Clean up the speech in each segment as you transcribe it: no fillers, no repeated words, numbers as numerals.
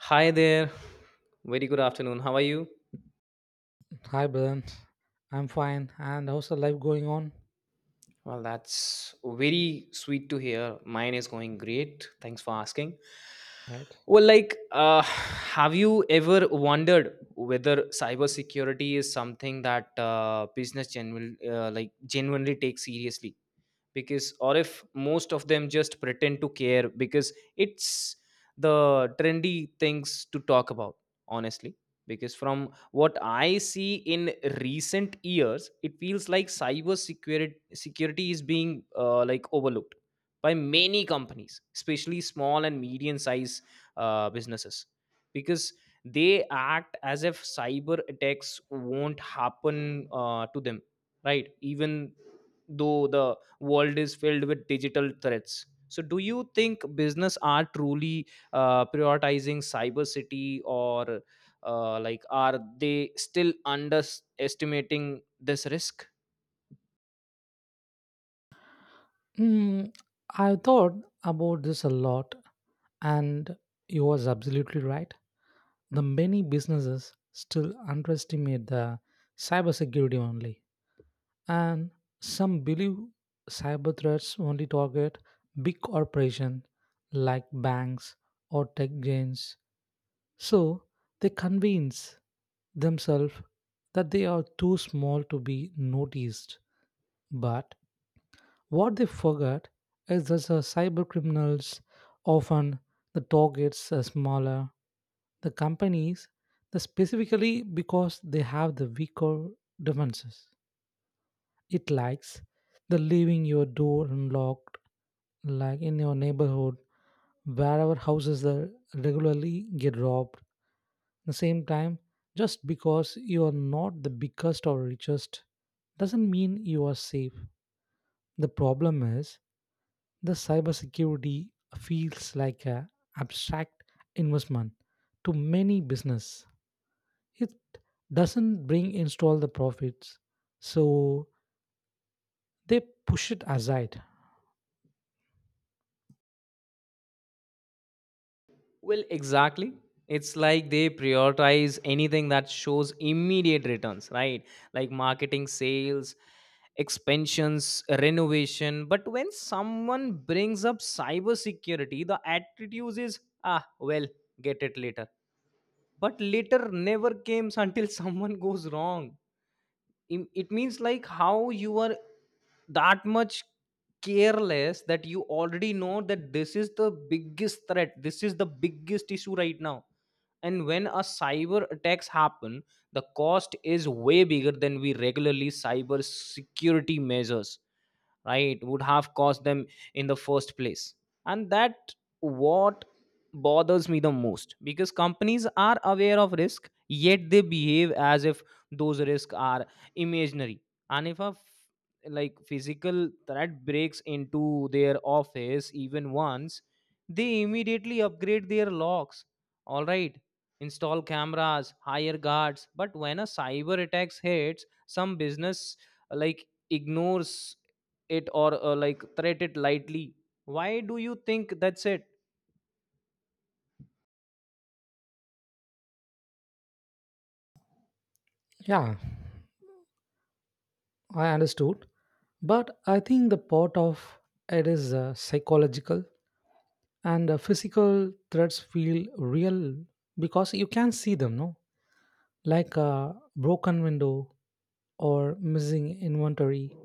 Hi there. Very good afternoon. How are you? Hi, Brian. I'm fine. And how's the life going on? Well, that's very sweet to hear. Mine is going great. Thanks for asking. Right. Have you ever wondered whether cybersecurity is something that business genuinely takes seriously? Because, or if most of them just pretend to care because it's the trendy things to talk about, honestly. Because from what I see in recent years, it feels like cyber security is being overlooked by many companies, especially small and medium sized businesses, because they act as if cyber attacks won't happen to them, right? Even though the world is filled with digital threats, so do you think business are truly prioritizing cyber city, or are they still underestimating this risk? Mm, I thought about this a lot, and you was absolutely right. The many businesses still underestimate the cybersecurity only, and some believe cyber threats only target big corporations like banks or tech giants. So they convince themselves that they are too small to be noticed. But what they forget is that the cyber criminals often the targets are smaller. The companies, the specifically because they have the weaker defenses. It likes the leaving your door unlocked, like in your neighborhood, wherever houses are regularly get robbed. At the same time, just because you are not the biggest or richest doesn't mean you are safe. The problem is the cybersecurity feels like an abstract investment to many business. It doesn't bring install the profits, so they push it aside. Well, exactly. It's like they prioritize anything that shows immediate returns, right? Like marketing, sales, expansions, renovation. But when someone brings up cybersecurity, the attitude is, ah, well, get it later. But later never comes until someone goes wrong. It means like how you are that much careless that you already know that this is the biggest threat, this is the biggest issue right now. And when a cyber attacks happen, the cost is way bigger than we regularly cyber security measures, right, would have cost them in the first place. And that what bothers me the most, because companies are aware of risk yet they behave as if those risks are imaginary. And if a physical threat breaks into their office even once, they immediately upgrade their locks, all right, install cameras, hire guards. But when a cyber attacks hits some business, ignores it or threat it lightly. Why do you think that's it? Yeah, I understood. But I think the part of it is psychological and physical threats feel real because you can see them, no? Like a broken window or missing inventory.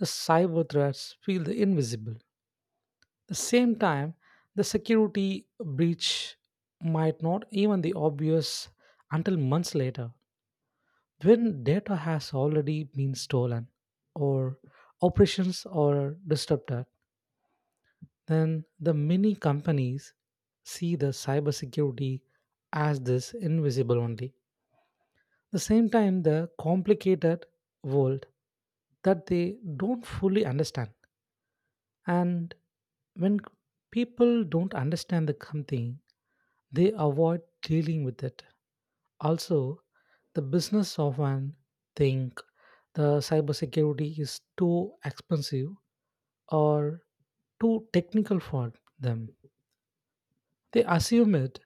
The cyber threats feel invisible. The same time, the security breach might not even be obvious until months later, when data has already been stolen or operations are disrupted. Then the many companies see the cybersecurity as this invisible only. The same time, the complicated world that they don't fully understand. And when people don't understand the something, they avoid dealing with it. Also, the business often think the cybersecurity is too expensive or too technical for them. They assume it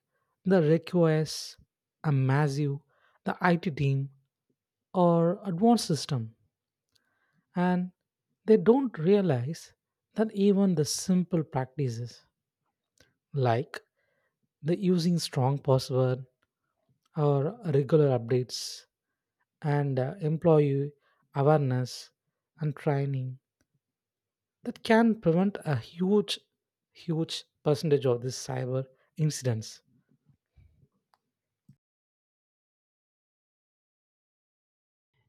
the requires a massive the IT team or advanced system, and they don't realize that even the simple practices like the using strong password or regular updates and employee awareness and training that can prevent a huge percentage of these cyber incidents.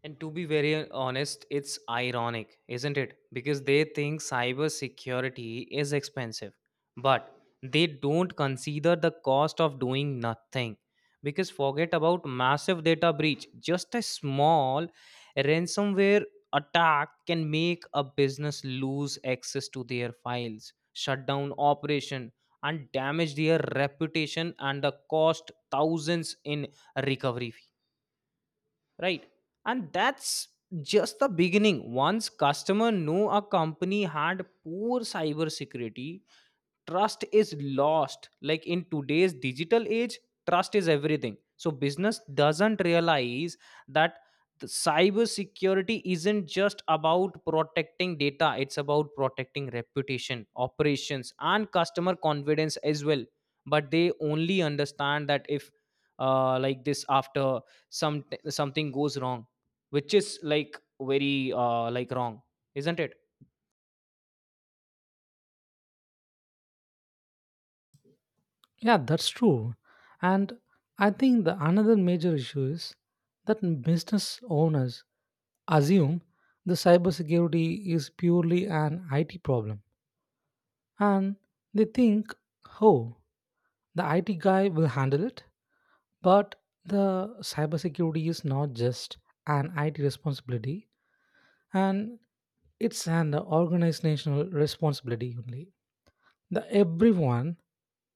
And to be very honest, it's ironic, isn't it? Because they think cybersecurity is expensive, but they don't consider the cost of doing nothing. Because forget about massive data breach, just a small ransomware attack can make a business lose access to their files, shut down operation, and damage their reputation and the cost thousands in recovery, right? And that's just the beginning. Once customer know a company had poor cyber security, trust is lost. Like in today's digital age, trust is everything. So business doesn't realize that the cyber security isn't just about protecting data, it's about protecting reputation, operations, and customer confidence as well. But they only understand that if like this after something goes wrong, which is like very wrong, isn't it? Yeah, that's true, and I think the another major issue is that business owners assume the cybersecurity is purely an IT problem, and they think, oh, the IT guy will handle it. But the cybersecurity is not just an IT responsibility, and it's an organizational responsibility only. The everyone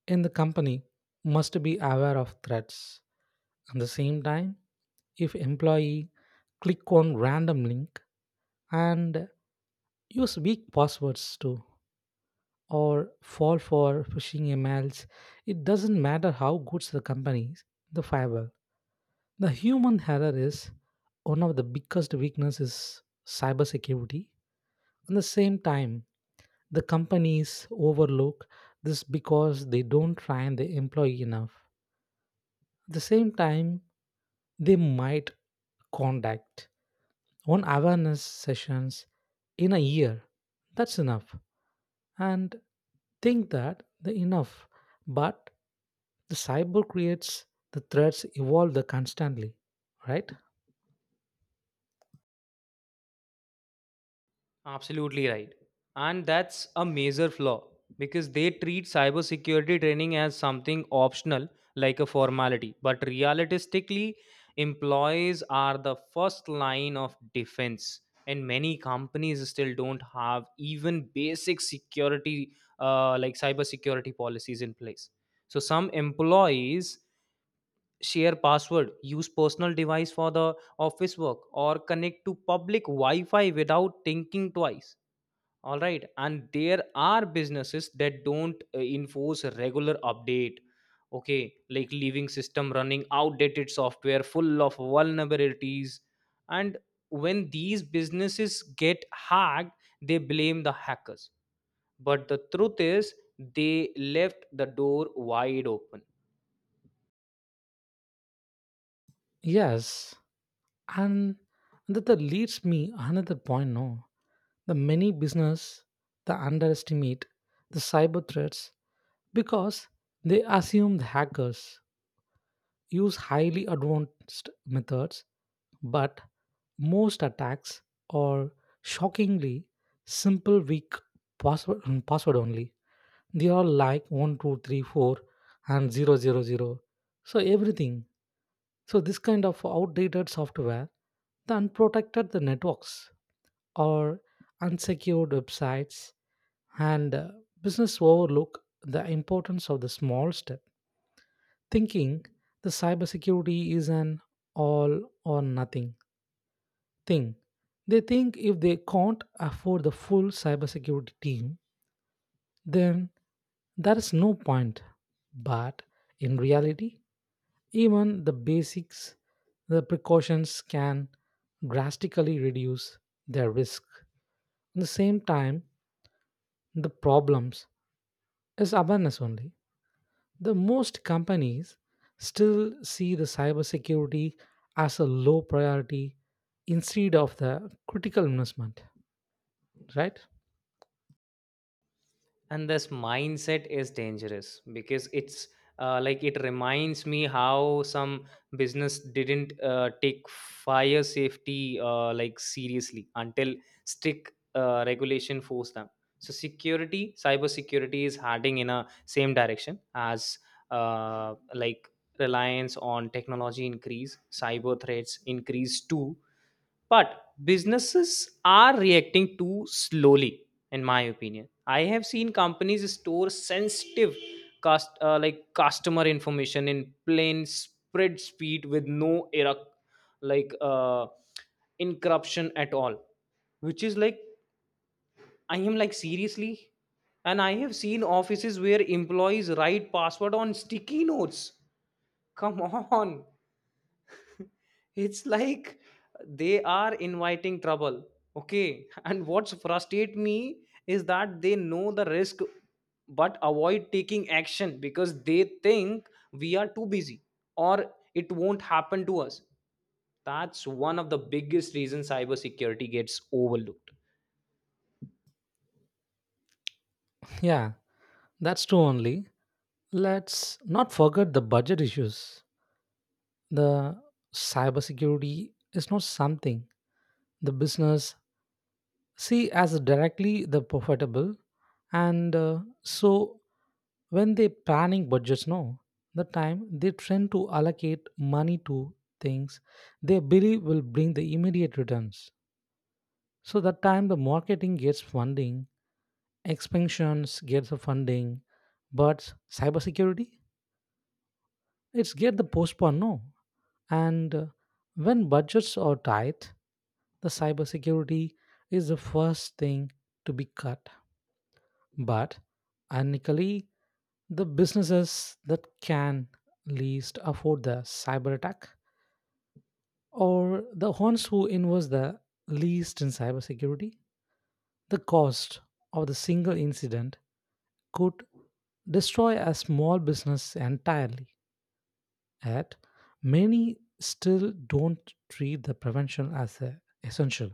in the company must be aware of threats. At the same time, if employee click on random link and use weak passwords too or fall for phishing emails, it doesn't matter how good the company is, the firewall. The human error is one of the biggest weaknesses cybersecurity. At the same time, the companies overlook this because they don't train the employee enough. At the same time, they might conduct one awareness sessions in a year. That's enough. And think that the enough, but the cyber creates the threats evolve the constantly, right? Absolutely right. And that's a major flaw because they treat cybersecurity training as something optional, like a formality. But realistically, employees are the first line of defense. And many companies still don't have even basic security, cybersecurity policies in place. So some employees share password, use personal device for the office work, or connect to public Wi-Fi without thinking twice, all right? And there are businesses that don't enforce a regular update, okay, like leaving system running outdated software full of vulnerabilities. And when these businesses get hacked, they blame the hackers, but the truth is they left the door wide open. Yes, and that leads me another point, no, the many business the underestimate the cyber threats because they assume the hackers use highly advanced methods, but most attacks are shockingly simple weak password, password only. They are like 1234 and zero, zero, zero. So everything, so this kind of outdated software, the unprotected the networks or unsecured websites, and business overlook the importance of the small step, thinking the cybersecurity is an all or nothing thing. They think if they can't afford the full cybersecurity team, then there is no point. But in reality, even the basics, the precautions can drastically reduce their risk. At the same time, the problems is awareness only. The most companies still see the cybersecurity as a low priority instead of the critical investment, right? And this mindset is dangerous because it's it reminds me how some business didn't take fire safety seriously until strict regulation forced them. So security, cyber security, is heading in a same direction as uh, like reliance on technology increase, cyber threats increase too. But businesses are reacting too slowly, in my opinion. I have seen companies store sensitive customer information in plain spreadsheet with no error, like encryption at all, which is like, I am like, seriously? And I have seen offices where employees write password on sticky notes. Come on. It's like they are inviting trouble. Okay. And what's frustrate me is that they know the risk but avoid taking action because they think we are too busy or it won't happen to us. That's one of the biggest reasons cybersecurity gets overlooked. Yeah, that's true only. Let's not forget the budget issues. The cybersecurity is not something the business see as directly the profitable, and so when they planning budgets, no, the time they tend to allocate money to things they believe will bring the immediate returns. So that time the marketing gets funding, expansions gets the funding, but cybersecurity, it's get the postpone, no. And when budgets are tight, the cybersecurity is the first thing to be cut. But ironically, the businesses that can least afford the cyber attack or the ones who invest the least in cybersecurity, the cost of the single incident could destroy a small business entirely. Yet, many still don't treat the prevention as a essential.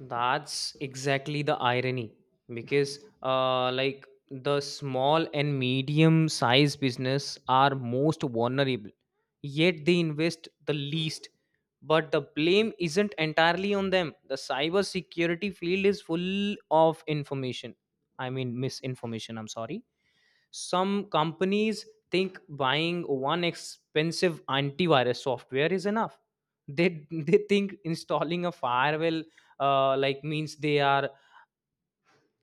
That's exactly the irony because, the small and medium sized business are most vulnerable, yet they invest the least. But the blame isn't entirely on them. The cyber security field is full of information. I mean, misinformation, I'm sorry. Some companies think buying one expensive antivirus software is enough. They they think installing a firewall means they are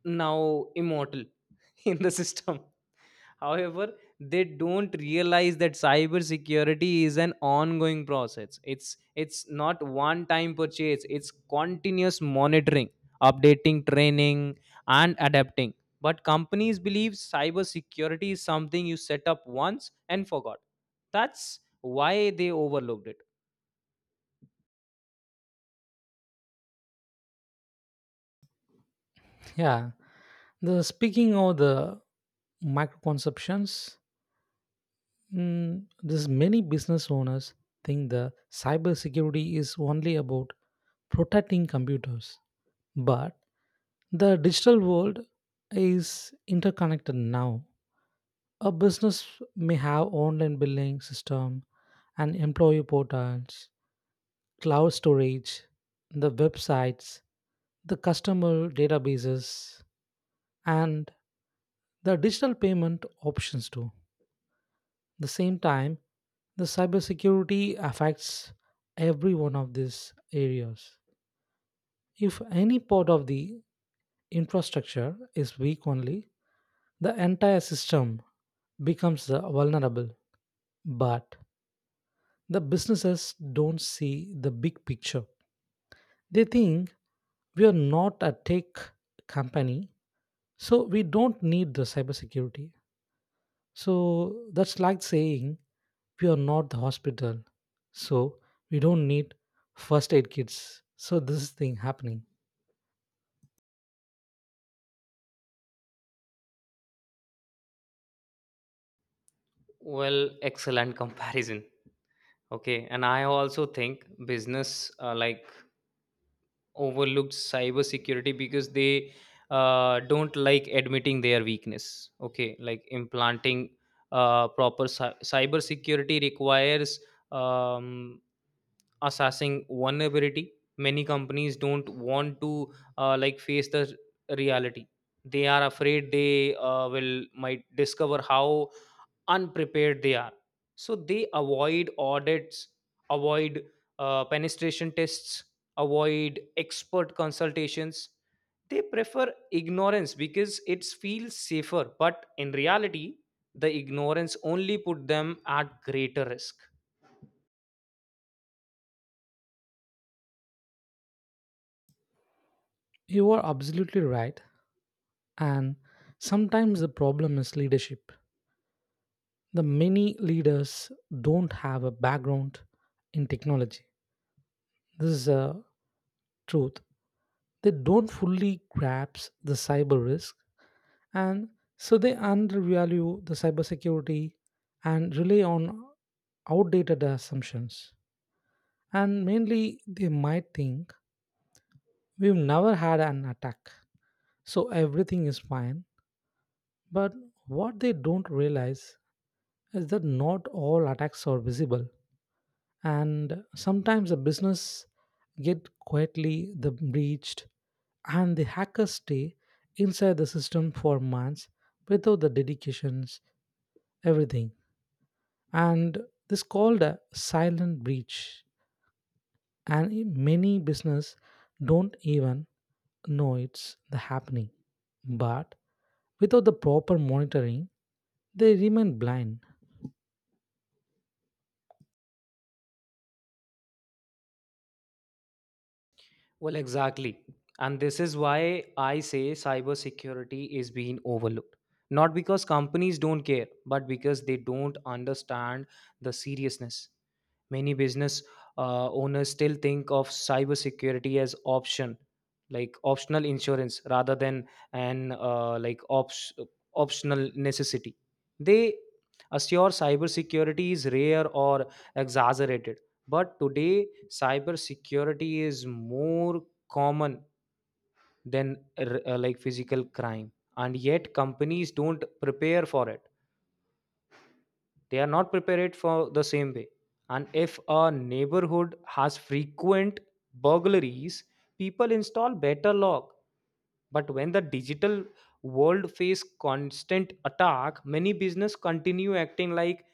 now immortal in the system. However, they don't realize that cybersecurity is an ongoing process. It's not one time purchase. It's continuous monitoring, updating, training, and adapting. But companies believe cybersecurity is something you set up once and forgot. That's why they overlooked it. Yeah, the speaking of the microconceptions. This many business owners think the cybersecurity is only about protecting computers, but the digital world is interconnected now. A business may have online billing system, and employee portals, cloud storage, the websites, the customer databases, and the digital payment options too. The same time, the cybersecurity affects every one of these areas. If any part of the infrastructure is weak only, the entire system becomes vulnerable. But the businesses don't see the big picture. They think we are not a tech company, so we don't need the cybersecurity. So that's like saying we are not the hospital, so we don't need first aid kits. So this is thing happening. Well, excellent comparison. Okay, and I also think business overlooked cybersecurity because they don't like admitting their weakness. Okay, like implanting proper cybersecurity requires um, assessing vulnerability. Many companies don't want to face the reality. They are afraid they will might discover how unprepared they are, so they avoid audits, avoid penetration tests, avoid expert consultations. They prefer ignorance because it feels safer, but in reality the ignorance only put them at greater risk. You are absolutely right, and sometimes the problem is leadership. The many leaders don't have a background in technology. This is a truth. They don't fully grasp the cyber risk, and so they undervalue the cybersecurity and rely on outdated assumptions. And mainly they might think we've never had an attack, so everything is fine. But what they don't realize is that not all attacks are visible, and sometimes a business get quietly the breached, and the hackers stay inside the system for months without the dedications, everything, and this called a silent breach. And many business don't even know it's the happening. But without the proper monitoring, they remain blind. Well, exactly. And this is why I say cybersecurity is being overlooked. Not because companies don't care, but because they don't understand the seriousness. Many business owners still think of cybersecurity as option, like optional insurance, rather than an optional necessity. They assure cybersecurity is rare or exaggerated, but today, cybersecurity is more common than physical crime, and yet companies don't prepare for it. They are not prepared for the same way. And if a neighborhood has frequent burglaries, people install better lock. But when the digital world face constant attack, many business continue acting like,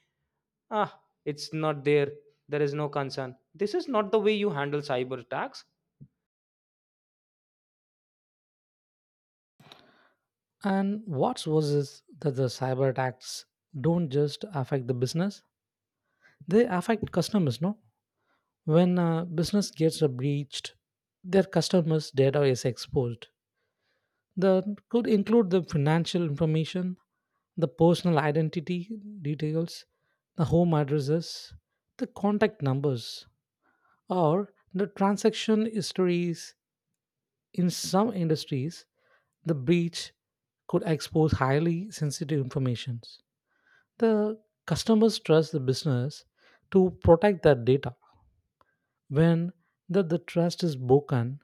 ah, it's not there. There is no concern. This is not the way you handle cyber attacks. And what's worse is that the cyber attacks don't just affect the business, they affect customers, no? When a business gets a breached, their customers' data is exposed. That could include the financial information, the personal identity details, the home addresses, the contact numbers, or the transaction histories. In some industries, the breach could expose highly sensitive information. The customers trust the business to protect their data. When the trust is broken,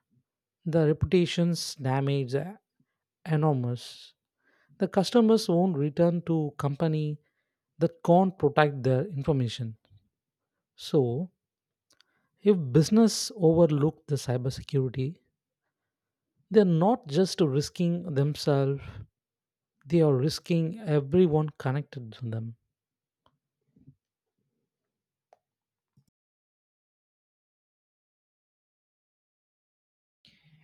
the reputation's damage are enormous. The customers won't return to company that can't protect their information. So, if business overlook the cybersecurity, they're not just risking themselves, they are risking everyone connected to them.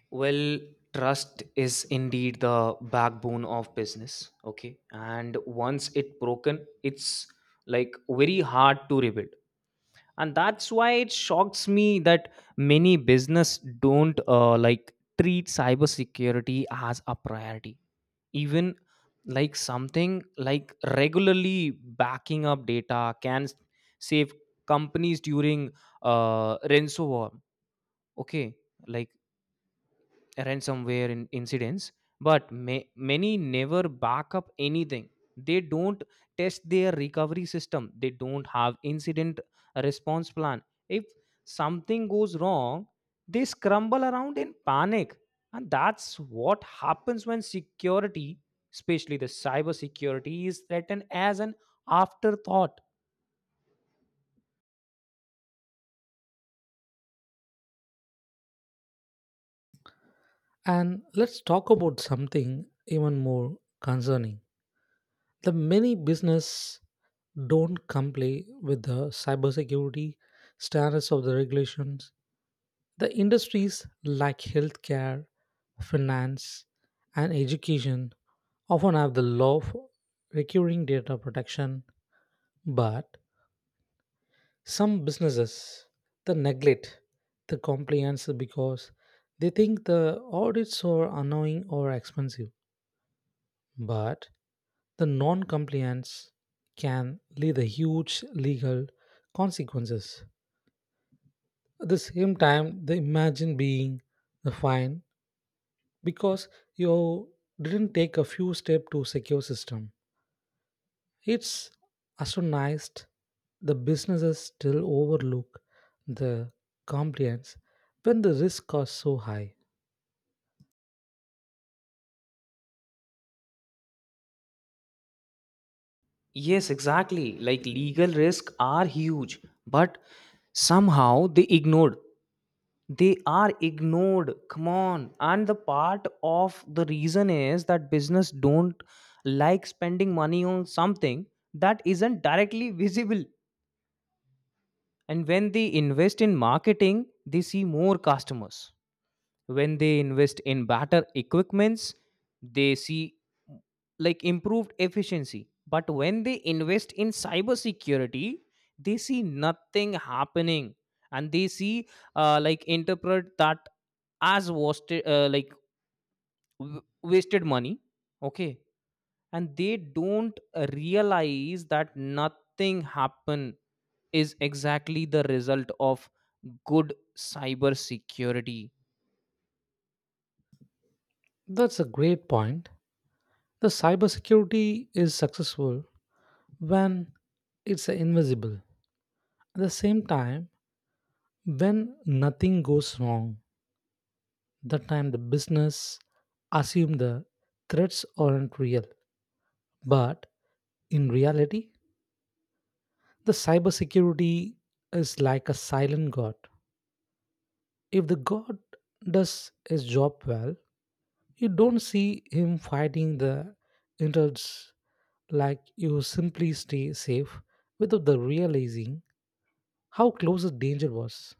Well, trust is indeed the backbone of business. Okay. And once it broken, it's like very hard to rebuild. And that's why it shocks me that many business don't treat cybersecurity as a priority. Even like something like regularly backing up data can save companies during ransomware. Okay. Like ransomware in incidents, but many never back up anything. They don't test their recovery system, they don't have incident response plan. If something goes wrong, they scramble around in panic. And that's what happens when security, especially the cyber security, is threatened as an afterthought. And let's talk about something even more concerning. The many business don't comply with the cybersecurity standards of the regulations. The industries like healthcare, finance, and education often have the law for recurring data protection, but some businesses they neglect the compliance because they think the audits are annoying or expensive. But the non-compliance can lead to huge legal consequences. At the same time, they imagine being fined because you didn't take a few steps to secure system. It's astonishing the businesses still overlook the compliance when the risks are so high. Yes, exactly. Like legal risks are huge, but somehow they are ignored, come on. And the part of the reason is that business don't like spending money on something that isn't directly visible. And when they invest in marketing, they see more customers. When they invest in better equipments, they see like improved efficiency. But when they invest in cybersecurity, they see nothing happening. And they see interpret that as wasted wasted money, okay. And they don't realize that nothing happen is exactly the result of good cybersecurity. That's a great point. The cybersecurity is successful when it's invisible. At the same time, when nothing goes wrong, that time the business assume the threats aren't real. But in reality, the cybersecurity is like a silent god. If the god does his job well, you don't see him fighting the intrudes, like you simply stay safe without the realizing how close the danger was.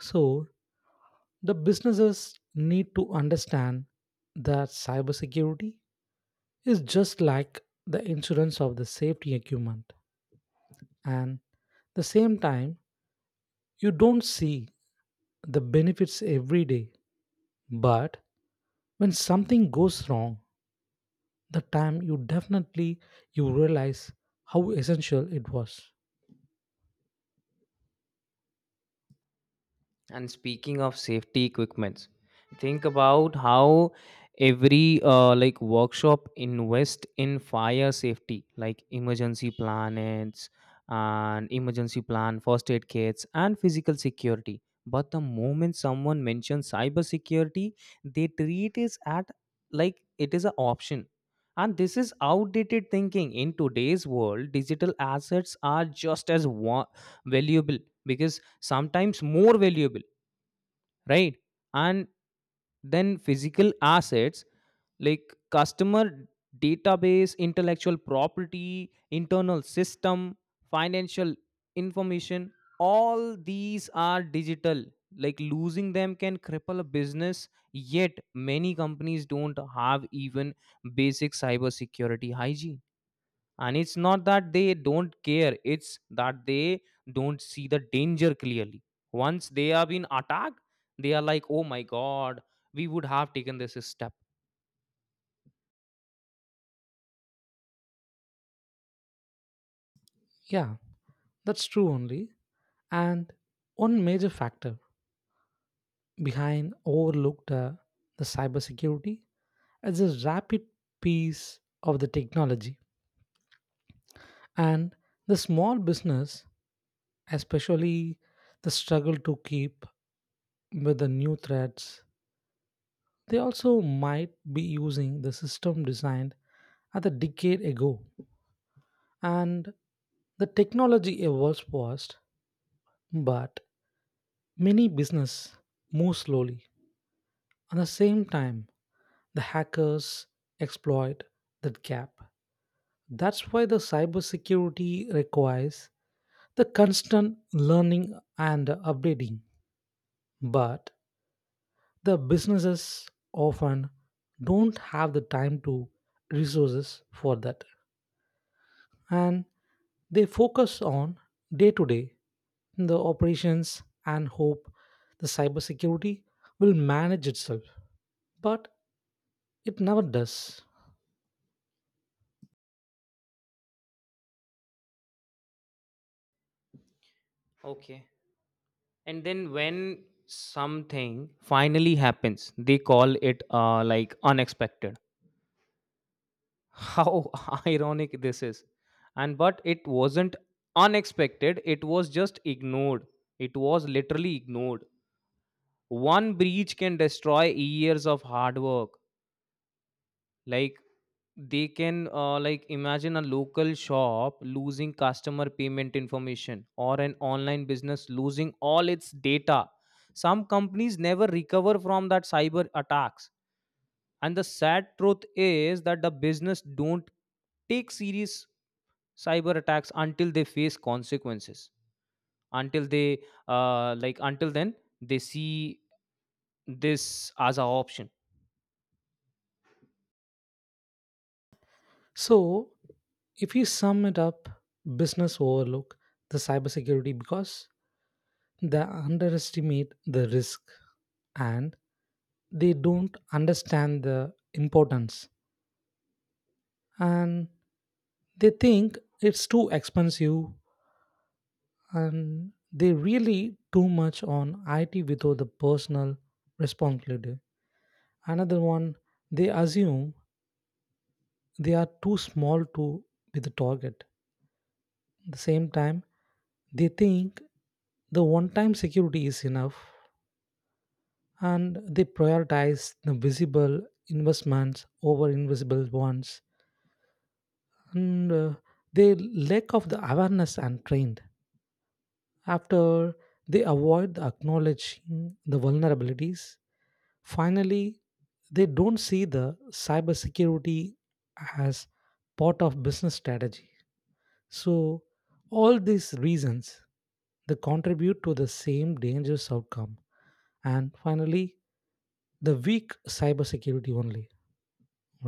So the businesses need to understand that cybersecurity is just like the insurance of the safety equipment. And the same time, you don't see the benefits every day. But when something goes wrong, the time you definitely you realize how essential it was. And speaking of safety equipments, think about how every workshop invest in fire safety, like emergency planets and emergency plan, first aid kits, and physical security. But the moment someone mentions cyber security, they treat it at like it is an option. And this is outdated thinking. In today's world, digital assets are just as valuable, because sometimes more valuable, right, and then physical assets, like customer database, intellectual property, internal system, financial information, all these are digital. Like losing them can cripple a business, yet many companies don't have even basic cybersecurity hygiene. And it's not that they don't care, it's that they don't see the danger clearly. Once they have been attacked, they are like, oh my god, we would have taken this step. Yeah, that's true only, and one major factor behind overlooked the cybersecurity is the rapid pace of the technology. And the small business especially the struggle to keep with the new threats. They also might be using the system designed at a decade ago, and the technology evolves fast. But many business move slowly. At the same time, the hackers exploit that gap. That's why the cybersecurity requires the constant learning and updating. But the businesses often don't have the time to resources for that. And they focus on day to day the operations and hope the cybersecurity will manage itself, but it never does. Okay. And then when something finally happens, they call it unexpected. How ironic this is. And but it wasn't unexpected, it was just ignored. It was literally ignored. One breach can destroy years of hard work. Like they can imagine a local shop losing customer payment information or an online business losing all its data. Some companies never recover from that cyber attacks. And the sad truth is that the business don't take serious cyber attacks until they face consequences. Until they uh, like until then, they see this as a option. So, if we sum it up, business overlook the cybersecurity because they underestimate the risk, and they don't understand the importance, and they think it's too expensive, and they really too much on IT without the personal responsibility. Another one, they assume they are too small to be the target. At the same time, they think the one time security is enough, and they prioritize the visible investments over invisible ones. And they lack of the awareness and trained. After they avoid the acknowledging the vulnerabilities, finally they don't see the cybersecurity as part of business strategy. So, all these reasons they contribute to the same dangerous outcome. And finally, the weak cybersecurity only,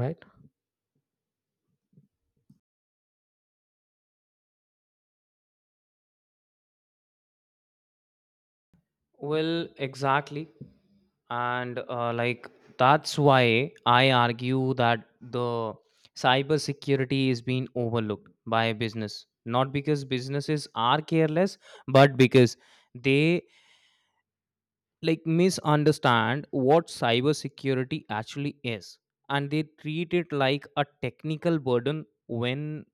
right? Well, exactly. And that's why I argue that the cybersecurity is being overlooked by business. Not because businesses are careless, but because they like misunderstand what cybersecurity actually is. And they treat it like a technical burden when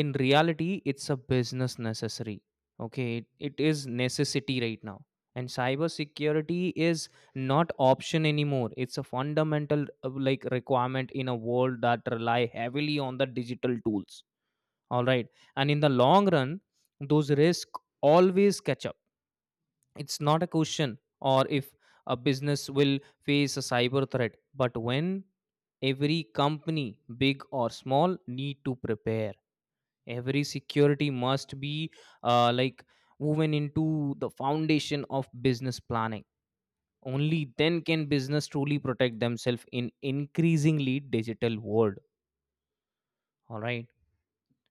in reality it's a business necessary, okay, it is necessity right now. And cybersecurity is not option anymore, it's a fundamental requirement in a world that rely heavily on the digital tools, all right? And in the long run, those risks always catch up. It's not a question or if a business will face a cyber threat, but when. Every company, big or small, need to prepare. Every security must be uh, like woven into the foundation of business planning. Only then can business truly protect themselves in increasingly digital world, all right?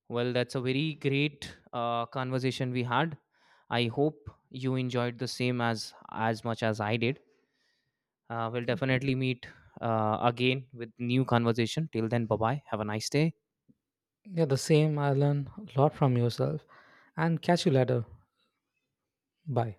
Well, that's a very great conversation we had. I hope you enjoyed the same as much as I did. We'll definitely meet again with new conversation. Till then, bye bye, have a nice day. Yeah, the same. I learn a lot from yourself and catch you later. Bye.